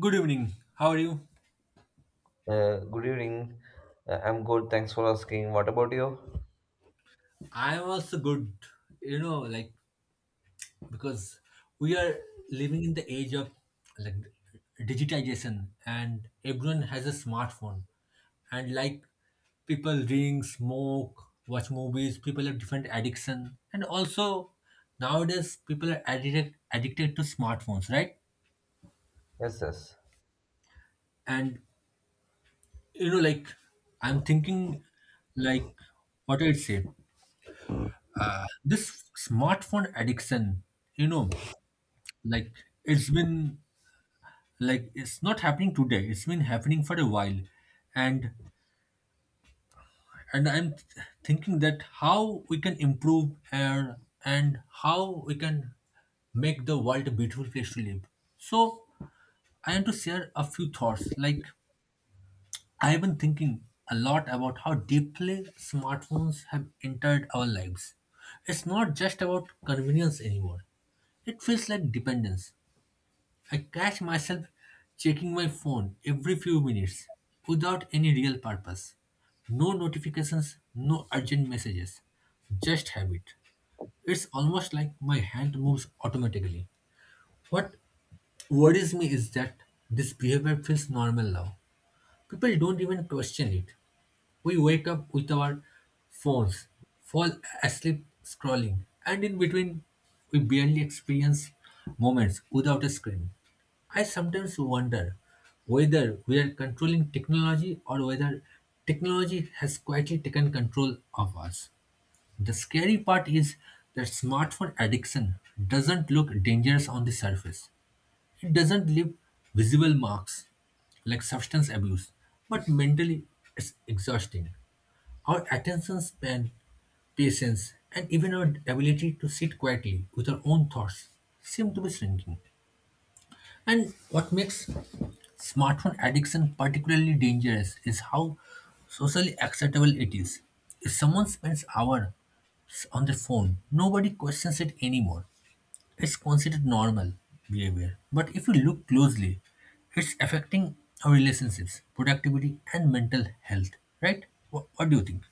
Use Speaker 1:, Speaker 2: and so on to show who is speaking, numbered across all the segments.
Speaker 1: Good evening. How are you?
Speaker 2: Good evening. I'm good. Thanks for asking. What about you?
Speaker 1: I am also good, you know, like because we are living in the age of like digitization and everyone has a smartphone. And like people drink, smoke, watch movies, people have different addiction. And also nowadays people are addicted to smartphones, right?
Speaker 2: Yes, yes.
Speaker 1: And you know, like I'm thinking like what I'd say. This smartphone addiction, you know. Like, it's been, like, it's not happening today, it's been happening for a while. And and I'm thinking that how we can improve air and how we can make the world a beautiful place to live. So I want to share a few thoughts. Like, I have been thinking a lot about how deeply smartphones have entered our lives. It's not just about convenience anymore. It feels like dependence. I catch myself checking my phone every few minutes without any real purpose. No notifications, no urgent messages, just habit. It's almost like my hand moves automatically. What worries me is that this behavior feels normal now. People don't even question it. We wake up with our phones, fall asleep scrolling, and in between, we barely experience moments without a screen. I sometimes wonder whether we are controlling technology or whether technology has quietly taken control of us. The scary part is that smartphone addiction doesn't look dangerous on the surface. It doesn't leave visible marks like substance abuse, but mentally it's exhausting. Our attention span, patience, and even our ability to sit quietly with our own thoughts seem to be shrinking. And what makes smartphone addiction particularly dangerous is how socially acceptable it is. If someone spends hours on their phone, nobody questions it anymore. It's considered normal behavior, but if you look closely, it's affecting our relationships, productivity, and mental health, right? What do you think?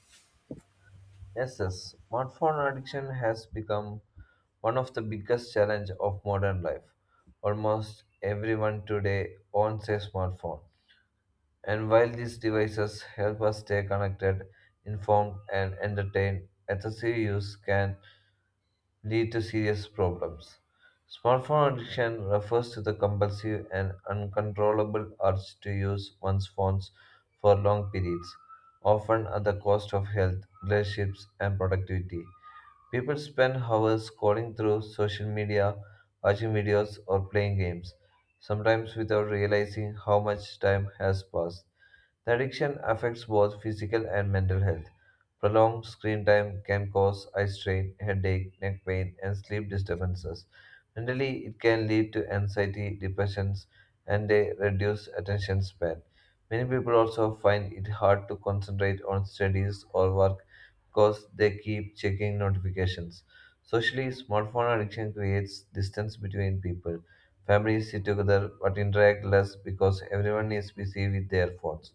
Speaker 2: Yes, yes. Smartphone addiction has become one of the biggest challenge of modern life. Almost everyone today owns a smartphone. And while these devices help us stay connected, informed, and entertained, excessive use can lead to serious problems. Smartphone addiction refers to the compulsive and uncontrollable urge to use one's phones for long periods, often at the cost of health, relationships, and productivity. People spend hours scrolling through social media, watching videos, or playing games, sometimes without realizing how much time has passed. The addiction affects both physical and mental health. Prolonged screen time can cause eye strain, headache, neck pain, and sleep disturbances. Mentally, it can lead to anxiety, depressions, and a reduced attention span. Many people also find it hard to concentrate on studies or work because they keep checking notifications. Socially, smartphone addiction creates distance between people. Families sit together but interact less because everyone is busy with their phones.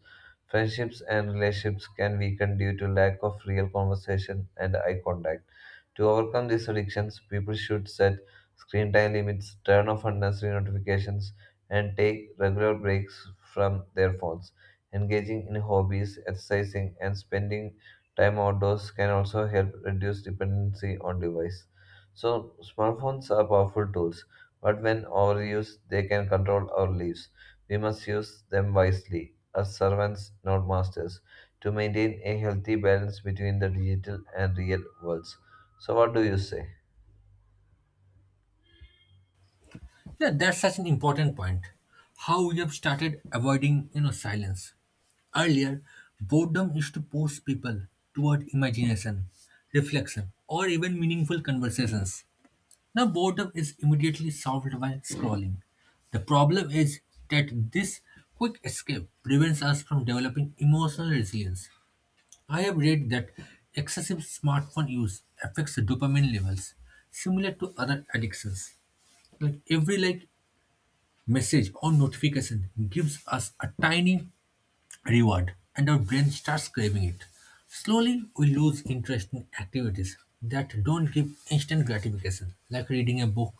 Speaker 2: Friendships and relationships can weaken due to lack of real conversation and eye contact. To overcome these addictions, people should set screen time limits, turn off unnecessary notifications, and take regular breaks from their phones. Engaging in hobbies, exercising, and spending time outdoors can also help reduce dependency on device. So smartphones are powerful tools, but when overused, they can control our lives. We must use them wisely, as servants, not masters, to maintain a healthy balance between the digital and real worlds. So what do you say?
Speaker 1: Yeah, that's such an important point. How we have started avoiding, you know, silence. Earlier, boredom used to push people toward imagination, reflection, or even meaningful conversations. Now, boredom is immediately solved by scrolling. The problem is that this quick escape prevents us from developing emotional resilience. I have read that excessive smartphone use affects the dopamine levels, similar to other addictions. Like, every like message or notification gives us a tiny reward, and our brain starts craving it. Slowly, we lose interest in activities that don't give instant gratification, like reading a book,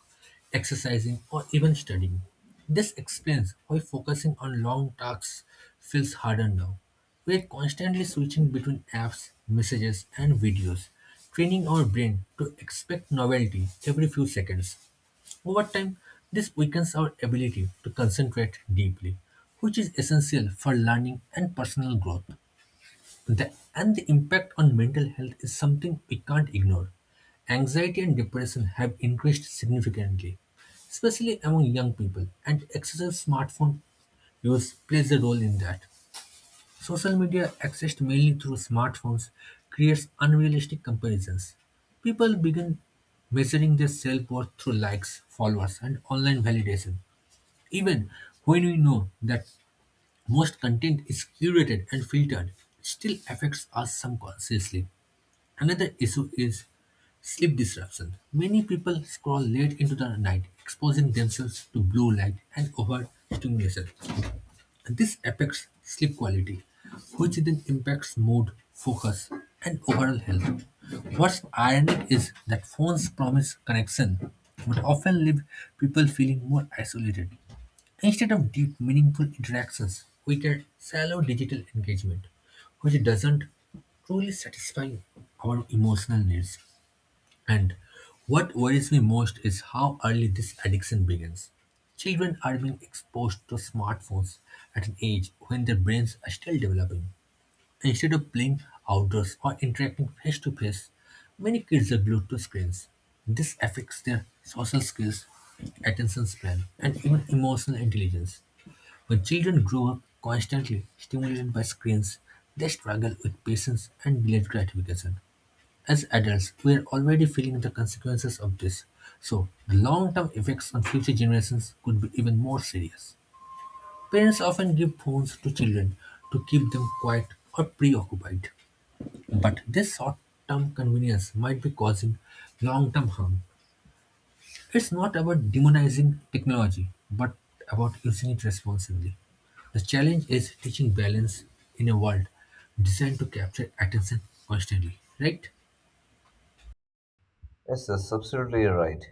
Speaker 1: exercising, or even studying. This explains why focusing on long tasks feels harder now. We are constantly switching between apps, messages, and videos, training our brain to expect novelty every few seconds. Over time, this weakens our ability to concentrate deeply, which is essential for learning and personal growth. And the impact on mental health is something we can't ignore. Anxiety and depression have increased significantly, especially among young people, and excessive smartphone use plays a role in that. Social media, accessed mainly through smartphones, creates unrealistic comparisons. People begin measuring their self worth through likes, followers, and online validation, even when we know that most content is curated and filtered. It still affects us subconsciously. Another issue is sleep disruption. Many people scroll late into the night, exposing themselves to blue light and overstimulation. This affects sleep quality, which then impacts mood, focus, and overall health. What's ironic is that phones promise connection, but often leave people feeling more isolated. Instead of deep, meaningful interactions, we get shallow digital engagement, which doesn't truly satisfy our emotional needs. And what worries me most is how early this addiction begins. Children are being exposed to smartphones at an age when their brains are still developing. Instead of playing outdoors or interacting face to face, many kids are glued to screens. This affects their social skills, attention span, and even emotional intelligence. When children grow up constantly stimulated by screens, they struggle with patience and delayed gratification. As adults, we are already feeling the consequences of this, so the long term effects on future generations could be even more serious. Parents often give phones to children to keep them quiet or preoccupied, but this short term convenience might be causing long term harm. It's not about demonizing technology, but about using it responsibly. The challenge is teaching balance in a world designed to capture attention constantly, right?
Speaker 2: Yes, that's absolutely right.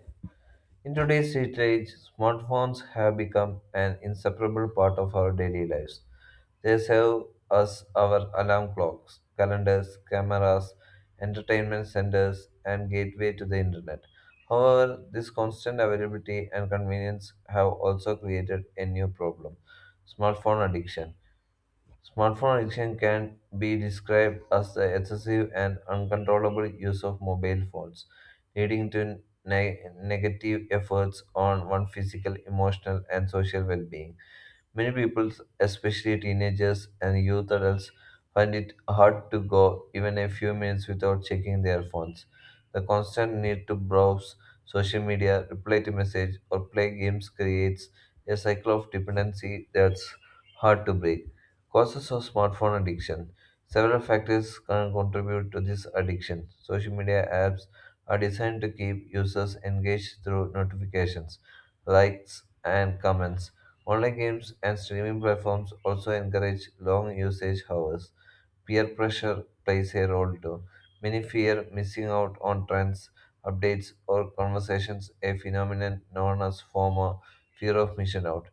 Speaker 2: In today's digital age, smartphones have become an inseparable part of our daily lives. They serve us our alarm clocks, calendars, cameras, entertainment centers, and gateway to the internet. However, this constant availability and convenience have also created a new problem: smartphone addiction. Smartphone addiction can be described as the excessive and uncontrollable use of mobile phones, leading to negative efforts on one's physical, emotional, and social well being. Many people, especially teenagers and youth adults, find it hard to go even a few minutes without checking their phones. The constant need to browse social media, reply to message, or play games creates a cycle of dependency that's hard to break. Causes of smartphone addiction. Several factors can contribute to this addiction. Social media apps are designed to keep users engaged through notifications, likes, and comments. Online games and streaming platforms also encourage long usage hours. Peer pressure plays a role too. Many fear missing out on trends, updates, or conversations, a phenomenon known as FOMO, fear of missing out.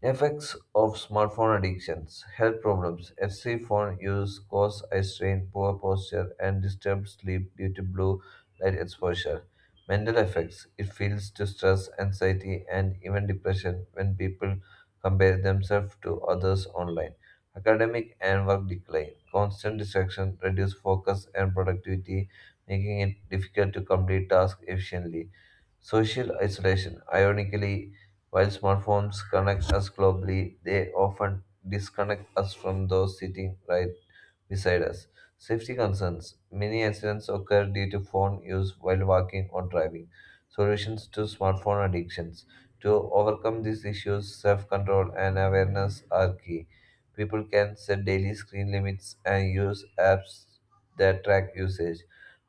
Speaker 2: Effects of smartphone addictions, health problems, excessive phone use cause eye strain, poor posture, and disturbed sleep due to blue light exposure. Mental effects, it leads to stress, anxiety, and even depression when people compare themselves to others online. Academic and work decline, constant distraction, reduce focus and productivity, making it difficult to complete tasks efficiently. Social isolation, ironically, while smartphones connect us globally, they often disconnect us from those sitting right beside us. Safety concerns. Many accidents occur due to phone use while walking or driving. Solutions to smartphone addictions. To overcome these issues, self control and awareness are key. People can set daily screen limits and use apps that track usage.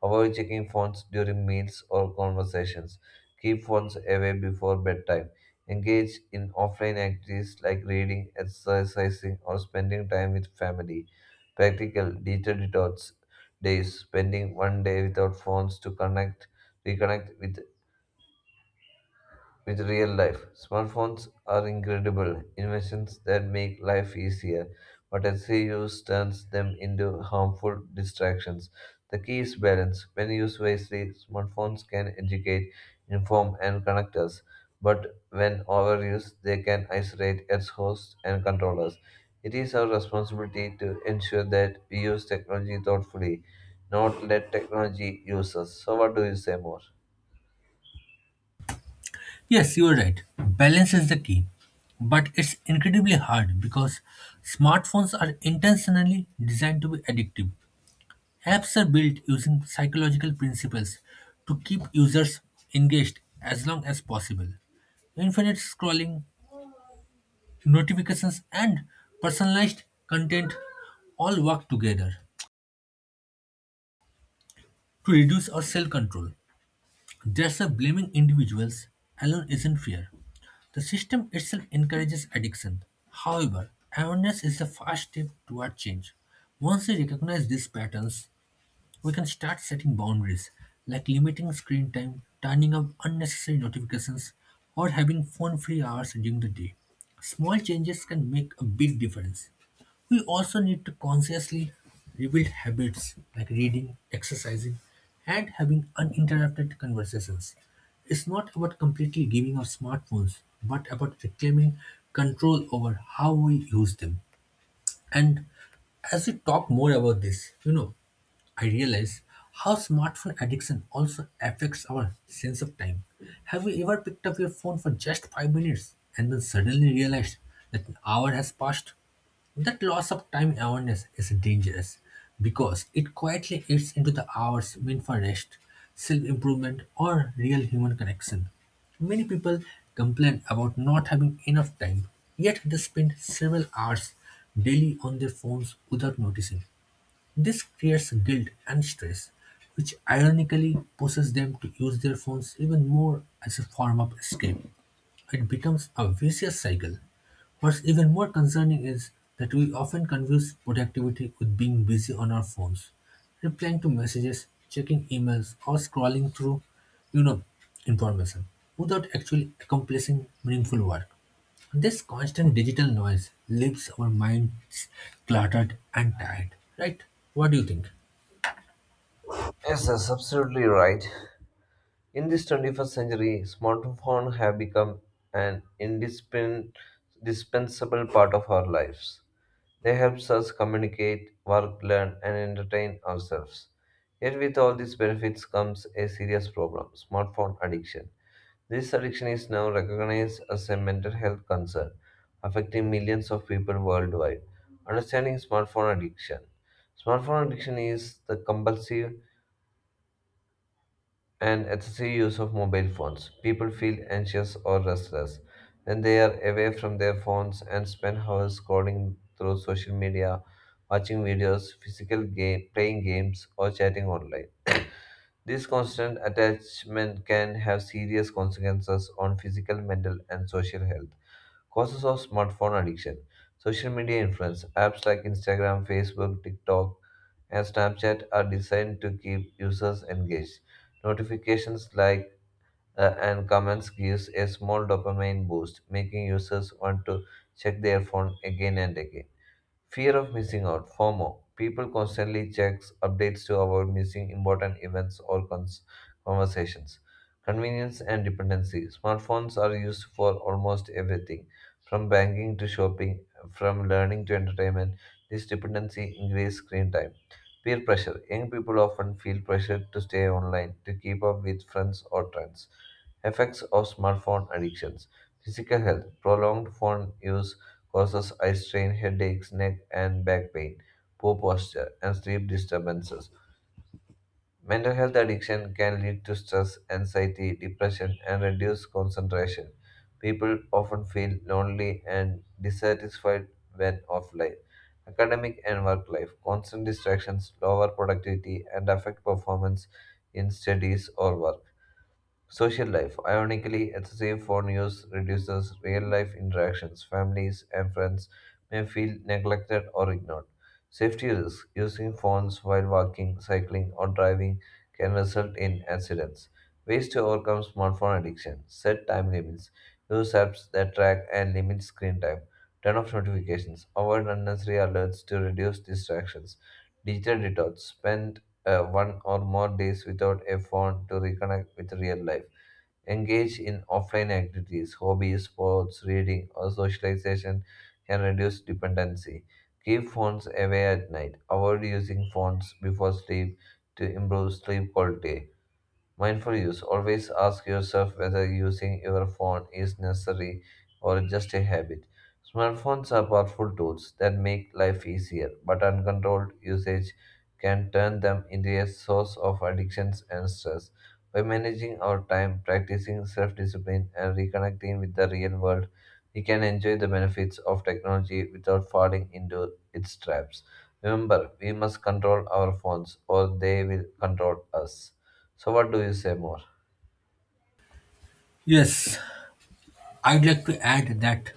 Speaker 2: Avoid checking phones during meals or conversations. Keep phones away before bedtime. Engage in offline activities like reading, exercising, or spending time with family. Practical digital detox days, spending 1 day without phones to connect, reconnect with real life. Smartphones are incredible inventions that make life easier, but excessive use turns them into harmful distractions. The key is balance. When used wisely, smartphones can educate, inform, and connect us, but when overused, they can isolate its hosts and control us. It is our responsibility to ensure that we use technology thoughtfully, not let technology use us. So, what do you say more?
Speaker 1: Yes, you are right. Balance is the key. But it's incredibly hard because smartphones are intentionally designed to be addictive. Apps are built using psychological principles to keep users engaged as long as possible. Infinite scrolling, notifications, and personalized content all work together to reduce our self control. There's a blaming individuals alone isn't fair. The system itself encourages addiction. However, awareness is the first step toward change. Once we recognize these patterns, we can start setting boundaries, like limiting screen time, turning off unnecessary notifications, or having phone free hours during the day. Small changes can make a big difference. We also need to consciously rebuild habits like reading, exercising, and having uninterrupted conversations. It's not about completely giving up smartphones, but about reclaiming control over how we use them. And as we talk more about this, you know, I realize how smartphone addiction also affects our sense of time. Have you ever picked up your phone for just 5 minutes and then suddenly realized that an hour has passed? That loss of time awareness is dangerous because it quietly eats into the hours meant for rest, self improvement, or real human connection. Many people complain about not having enough time, yet they spend several hours daily on their phones without noticing. This creates guilt and stress, which ironically pushes them to use their phones even more as a form of escape. It becomes a vicious cycle. What's even more concerning is that we often confuse productivity with being busy on our phones, replying to messages, checking emails, or scrolling through, you know, information without actually accomplishing meaningful work. This constant digital noise leaves our minds cluttered and tired, right? What do you think?
Speaker 2: Yes, that's absolutely right. In this 21st century, smartphones have become an indispensable part of our lives. They help us communicate, work, learn, and entertain ourselves. Yet, with all these benefits comes a serious problem: smartphone addiction. This addiction is now recognized as a mental health concern, affecting millions of people worldwide. Understanding smartphone addiction. Smartphone addiction is the compulsive and excessive use of mobile phones. People feel anxious or restless when they are away from their phones and spend hours scrolling through social media, watching videos, physical game, playing games, or chatting online. This constant attachment can have serious consequences on physical, mental, and social health. Causes of smartphone addiction. Social media influence. Apps like Instagram, Facebook, TikTok, and Snapchat are designed to keep users engaged. Notifications, like and comments gives a small dopamine boost, making users want to check their phone again and again. Fear of missing out, FOMO. People constantly checks updates to avoid missing important events or conversations. Convenience and dependency. Smartphones are used for almost everything, from banking to shopping, from learning to entertainment. This dependency increases screen time. Peer pressure. Young people often feel pressured to stay online to keep up with friends or trends. Effects of smartphone addictions. Physical health. Prolonged phone use causes eye strain, headaches, neck and back pain, poor posture, and sleep disturbances. Mental health addiction can lead to stress, anxiety, depression, and reduced concentration. People often feel lonely and dissatisfied when offline. Academic and work life. Constant distractions lower productivity and affect performance in studies or work. Social life. Ironically, excessive phone use reduces real life interactions. Families and friends may feel neglected or ignored. Safety risks. Using phones while walking, cycling, or driving can result in accidents. Ways to overcome smartphone addiction. Set time limits. Use apps that track and limit screen time. Turn off notifications. Avoid unnecessary alerts to reduce distractions. Digital detox. Spend one or more days without a phone to reconnect with real life. Engage in offline activities, hobbies, sports, reading, or socialization can reduce dependency. Keep phones away at night. Avoid using phones before sleep to improve sleep quality. Mindful use. Always ask yourself whether using your phone is necessary or just a habit. Smartphones are powerful tools that make life easier, but uncontrolled usage can turn them into a source of addictions and stress. By managing our time, practicing self discipline, and reconnecting with the real world, we can enjoy the benefits of technology without falling into its traps. Remember, we must control our phones or they will control us. So, what do you say more?
Speaker 1: Yes, I'd like to add that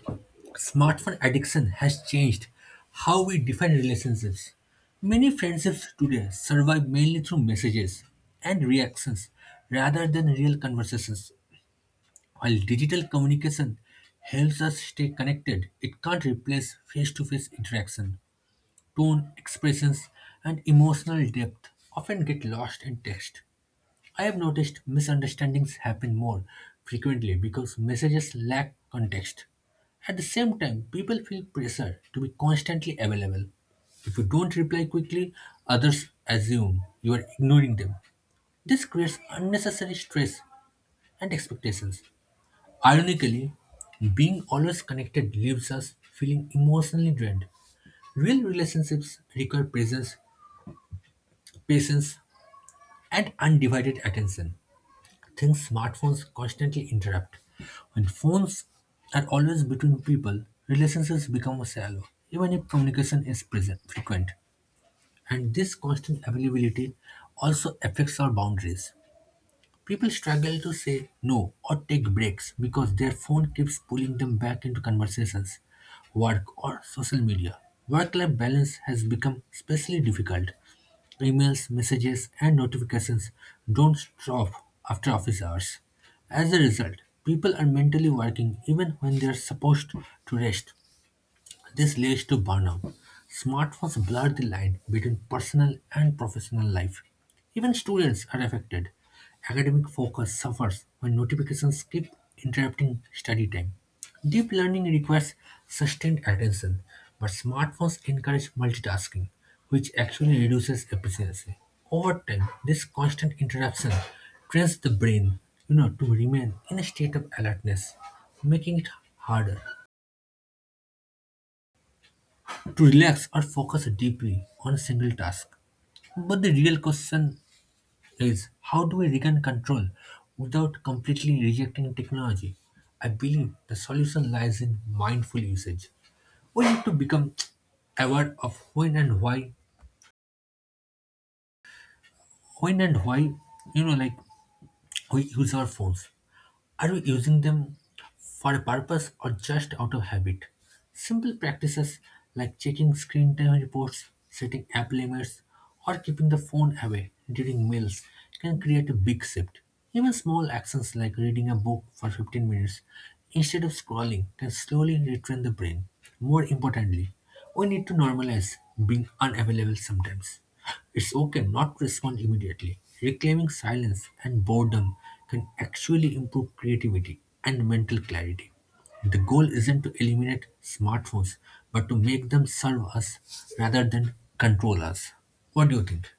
Speaker 1: smartphone addiction has changed how we define relationships. Many friendships today survive mainly through messages and reactions rather than real conversations. While digital communication helps us stay connected, it can't replace face to face interaction. Tone, expressions, and emotional depth often get lost in text. I have noticed misunderstandings happen more frequently because messages lack context. At the same time, people feel pressure to be constantly available. If you don't reply quickly, others assume you are ignoring them. This creates unnecessary stress and expectations. Ironically, being always connected leaves us feeling emotionally drained. Real relationships require presence, patience, and undivided attention. Things smartphones constantly interrupt. When phones are always between people, relationships become shallow, even if communication is present, frequent. And this constant availability also affects our boundaries. People struggle to say no or take breaks because their phone keeps pulling them back into conversations, work, or social media. Work life balance has become especially difficult. Emails, messages, and notifications don't stop after office hours. As a result, people are mentally working even when they are supposed to rest. This leads to burnout. Smartphones blur the line between personal and professional life. Even students are affected. Academic focus suffers when notifications keep interrupting study time. Deep learning requires sustained attention, but smartphones encourage multitasking, which actually reduces efficiency. Over time, this constant interruption trains the brain, you know, to remain in a state of alertness, making it harder to relax or focus deeply on a single task. But the real question is how do we regain control without completely rejecting technology? I believe the solution lies in mindful usage. We need to become aware of when and why, you know, like we use our phones. Are we using them for a purpose or just out of habit? Simple practices like checking screen time reports, setting app limits, or keeping the phone away during meals can create a big shift. Even small actions like reading a book for 15 minutes instead of scrolling can slowly retrain the brain. More importantly, we need to normalize being unavailable sometimes. It's okay not to respond immediately. Reclaiming silence and boredom can actually improve creativity and mental clarity. The goal isn't to eliminate smartphones, but to make them serve us rather than control us. What do you think?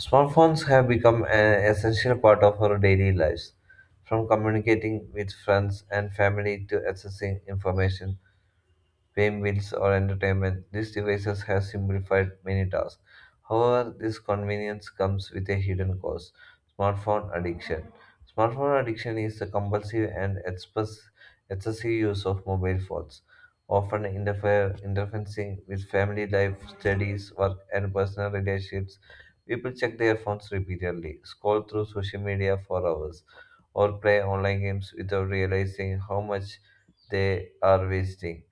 Speaker 2: Smartphones have become an essential part of our daily lives, from communicating with friends and family to accessing information, fame, wins, or entertainment, these devices have simplified many tasks. However, this convenience comes with a hidden cost: smartphone addiction. Smartphone addiction is the compulsive and excessive use of mobile phones, often interfering with family life, studies, work, and personal relationships. People check their phones repeatedly, scroll through social media for hours, or play online games without realizing how much they are wasting.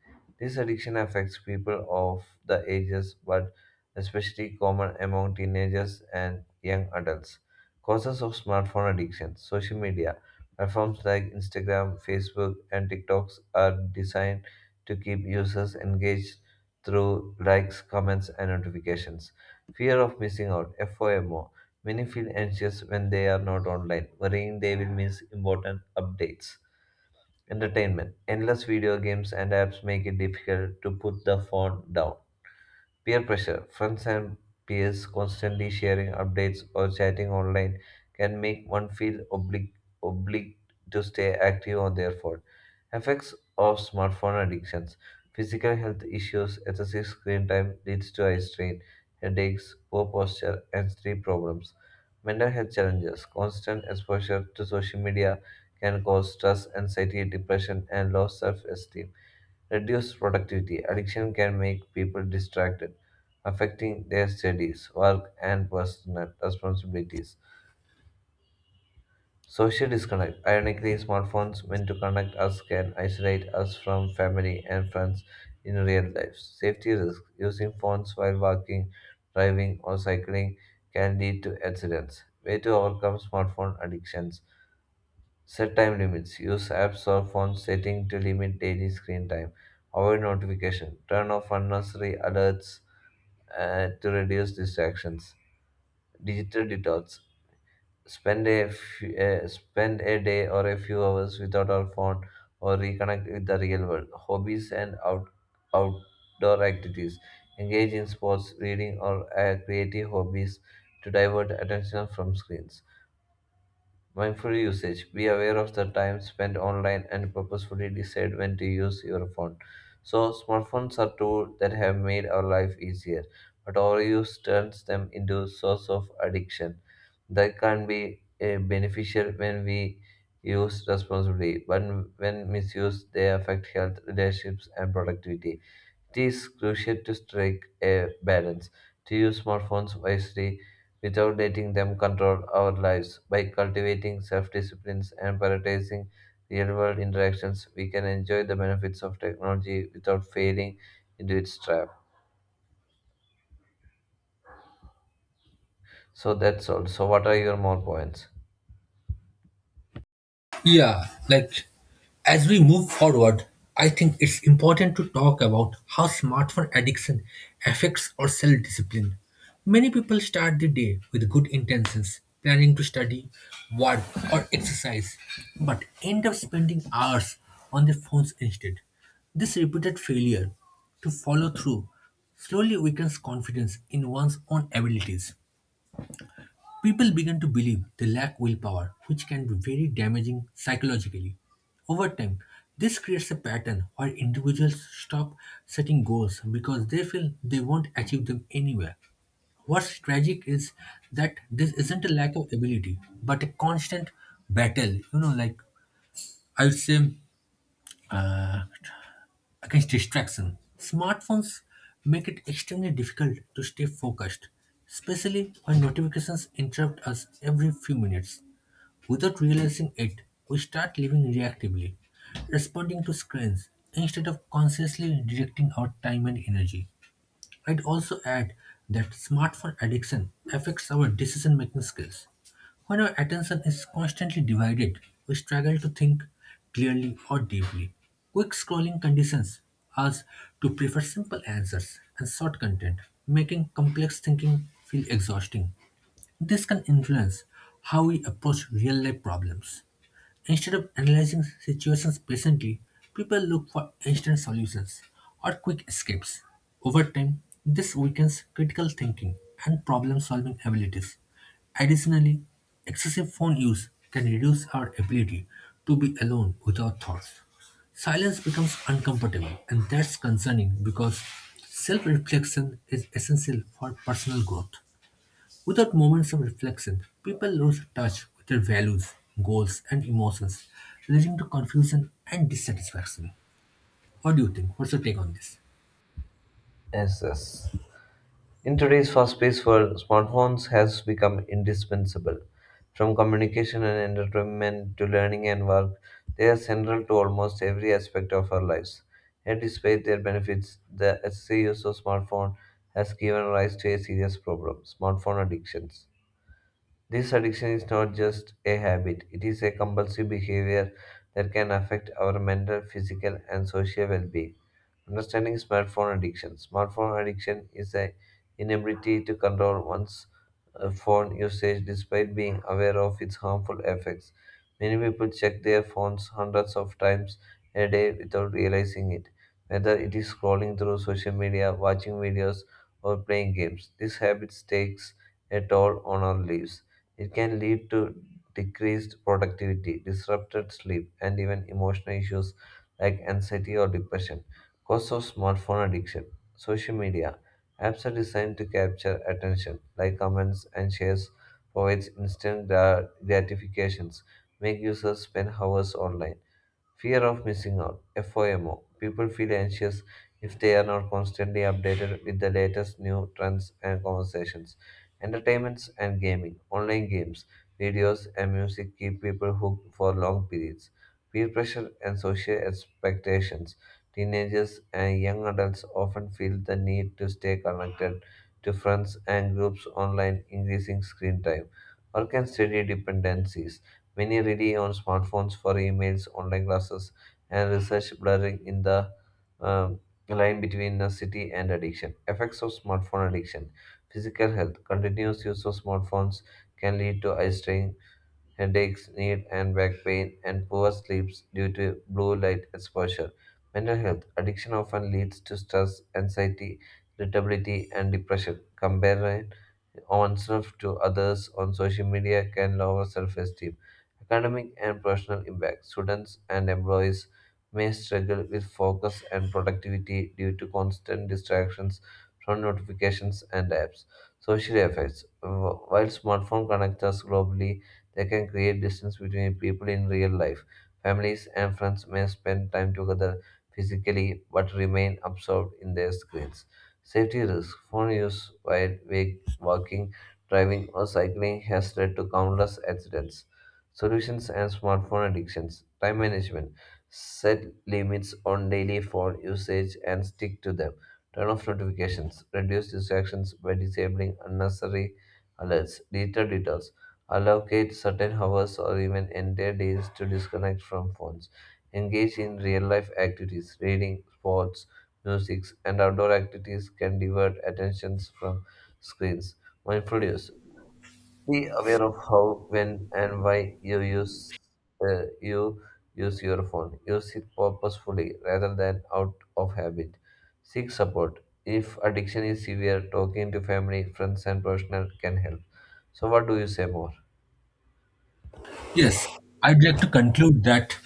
Speaker 2: This addiction affects people of the ages, but especially common among teenagers and young adults. Causes of smartphone addiction. Social media platforms like Instagram, Facebook, and TikToks are designed to keep users engaged through likes, comments, and notifications. Fear of missing out (FOMO). Many feel anxious when they are not online, worrying they will miss important updates. Entertainment. Endless video games and apps make it difficult to put the phone down. Peer pressure. Friends and peers constantly sharing updates or chatting online can make one feel obliged to stay active on their phone. Effects of smartphone addictions. Physical health issues, excessive screen time leads to eye strain, headaches, poor posture, and sleep problems. Mental health challenges, constant exposure to social media can cause stress, anxiety, depression, and low self esteem. Reduced productivity. Addiction can make people distracted, affecting their studies, work, and personal responsibilities. Social disconnect. Ironically, smartphones meant to connect us can isolate us from family and friends in real life. Safety risk. Using phones while walking, driving, or cycling can lead to accidents. Way to overcome smartphone addictions. Set time limits. Use apps or phone setting to limit daily screen time. Avoid notification. Turn off unnecessary alerts to reduce distractions. Digital detox. Spend a spend a day or a few hours without our phone or reconnect with the real world. Hobbies and outdoor activities. Engage in sports, reading, or creative hobbies to divert attention from screens. Mindful usage. Be aware of the time spent online and purposefully decide when to use your phone. So, smartphones are tools that have made our life easier, but overuse turns them into a source of addiction. That can be beneficial when we use responsibly, but when misused, they affect health, relationships, and productivity. It is crucial to strike a balance, to use smartphones wisely without letting them control our lives. By cultivating self discipline and prioritizing real world interactions, we can enjoy the benefits of technology without falling into its trap. So that's all. So, what are your more points?
Speaker 1: Yeah, like as we move forward, I think it's important to talk about how smartphone addiction affects our self discipline. Many people start the day with good intentions, planning to study, work, or exercise, but end up spending hours on their phones instead. This repeated failure to follow through slowly weakens confidence in one's own abilities. People begin to believe they lack willpower, which can be very damaging psychologically. Over time, this creates a pattern where individuals stop setting goals because they feel they won't achieve them anyway. What's tragic is that this isn't a lack of ability, but a constant battle, you know, like I would say, uh, against distraction. Smartphones make it extremely difficult to stay focused, especially when notifications interrupt us every few minutes. Without realizing it, we start living reactively, responding to screens instead of consciously directing our time and energy. I'd also add that smartphone addiction affects our decision making skills. When our attention is constantly divided, we struggle to think clearly or deeply. Quick scrolling conditions us to prefer simple answers and short content, making complex thinking feel exhausting. This can influence how we approach real life problems. Instead of analyzing situations patiently, people look for instant solutions or quick escapes. Over time, this weakens critical thinking and problem solving abilities. Additionally, excessive phone use can reduce our ability to be alone with our thoughts. Silence becomes uncomfortable, and that's concerning because self reflection is essential for personal growth. Without moments of reflection, people lose touch with their values, goals, and emotions, leading to confusion and dissatisfaction. What do you think? What's your take on this?
Speaker 2: Yes, yes. In today's fast-paced world, smartphones has become indispensable. From communication and entertainment to learning and work, they are central to almost every aspect of our lives. Yet, despite their benefits, the excessive use of smartphone has given rise to a serious problem: smartphone addictions. This addiction is not just a habit, it is a compulsive behavior that can affect our mental, physical, and social well being. Understanding smartphone addiction. Smartphone addiction is the inability to control one's phone usage despite being aware of its harmful effects. Many people check their phones hundreds of times a day without realizing it, whether it is scrolling through social media, watching videos, or playing games. This habit takes a toll on our lives. It can lead to decreased productivity, disrupted sleep, and even emotional issues like anxiety or depression. Cause of smartphone addiction. Social media apps are designed to capture attention, like comments and shares, provides instant gratifications, make users spend hours online. Fear of missing out, FOMO. People feel anxious if they are not constantly updated with the latest new trends and conversations. Entertainments and gaming, online games, videos, and music keep people hooked for long periods. Peer pressure and social expectations. Teenagers and young adults often feel the need to stay connected to friends and groups online, increasing screen time. Work and study dependencies. Many rely on smartphones for emails, online classes, and research, blurring in the um, line between necessity and addiction. Effects of smartphone addiction. Physical health. Continuous use of smartphones can lead to eye strain, headaches, knee and back pain, and poor sleeps due to blue light exposure. Mental health addiction often leads to stress, anxiety, irritability, and depression. Comparing oneself to others on social media can lower self esteem. Academic and professional impact students and employees may struggle with focus and productivity due to constant distractions from notifications and apps. Social effects. While smartphone connects us globally, that can create distance between people in real life. Families and friends may spend time together physically but remain absorbed in their screens. Safety risk phone use while walking, driving, or cycling has led to countless accidents. Solutions and smartphone addictions. Time management. Set limits on daily phone usage and stick to them. Turn off notifications. Reduce distractions by disabling unnecessary alerts. Digital detox. Allocate certain hours or even entire days to disconnect from phones. Engage in real life activities, reading, sports, music, and outdoor activities can divert attentions from screens. Mindful use. Be aware of how, when, and why you use your phone. Use it purposefully rather than out of habit. Seek support. If addiction is severe, talking to family, friends, and professional can help. So, what do you say more?
Speaker 1: Yes, I'd like to conclude that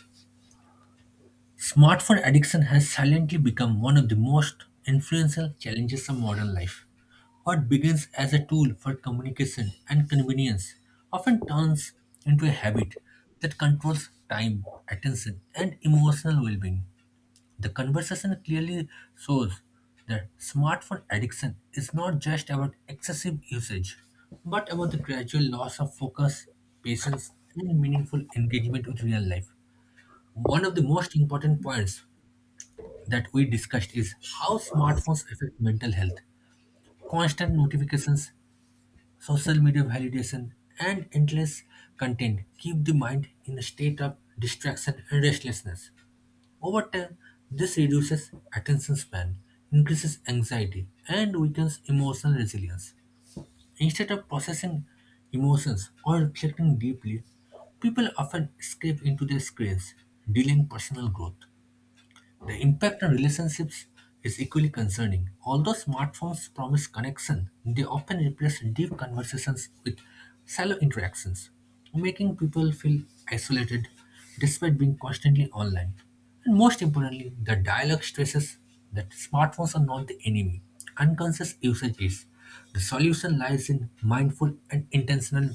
Speaker 1: smartphone addiction has silently become one of the most influential challenges of modern life. What begins as a tool for communication and convenience often turns into a habit that controls time, attention, and emotional well being. The conversation clearly shows that smartphone addiction is not just about excessive usage, but about the gradual loss of focus, patience, and meaningful engagement with real life. One of the most important points that we discussed is how smartphones affect mental health. Constant notifications, social media validation, and endless content keep the mind in a state of distraction and restlessness. Over time, this reduces attention span, increases anxiety, and weakens emotional resilience. Instead of processing emotions or reflecting deeply, people often escape into their screens, delaying personal growth. The impact on relationships is equally concerning. Although smartphones promise connection, they often replace deep conversations with shallow interactions, making people feel isolated despite being constantly online. And most importantly, the dialogue stresses that smartphones are not the enemy. Unconscious usage is. The solution lies in mindful and intentional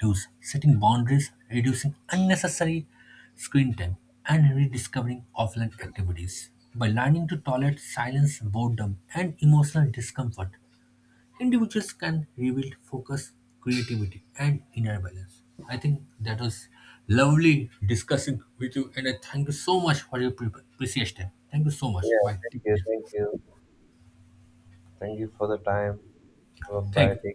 Speaker 1: 2. Setting boundaries, reducing unnecessary screen time, and rediscovering offline activities. By learning to tolerate silence, boredom, and emotional discomfort, individuals can rebuild focus, creativity, and inner balance. I think that was lovely discussing with you, and I thank you so much for your precious time. Thank you so much.
Speaker 2: Yeah,
Speaker 1: Bye.
Speaker 2: thank
Speaker 1: Take
Speaker 2: you,
Speaker 1: care.
Speaker 2: thank you. Thank you for the time. Bye bye.
Speaker 1: Thank you.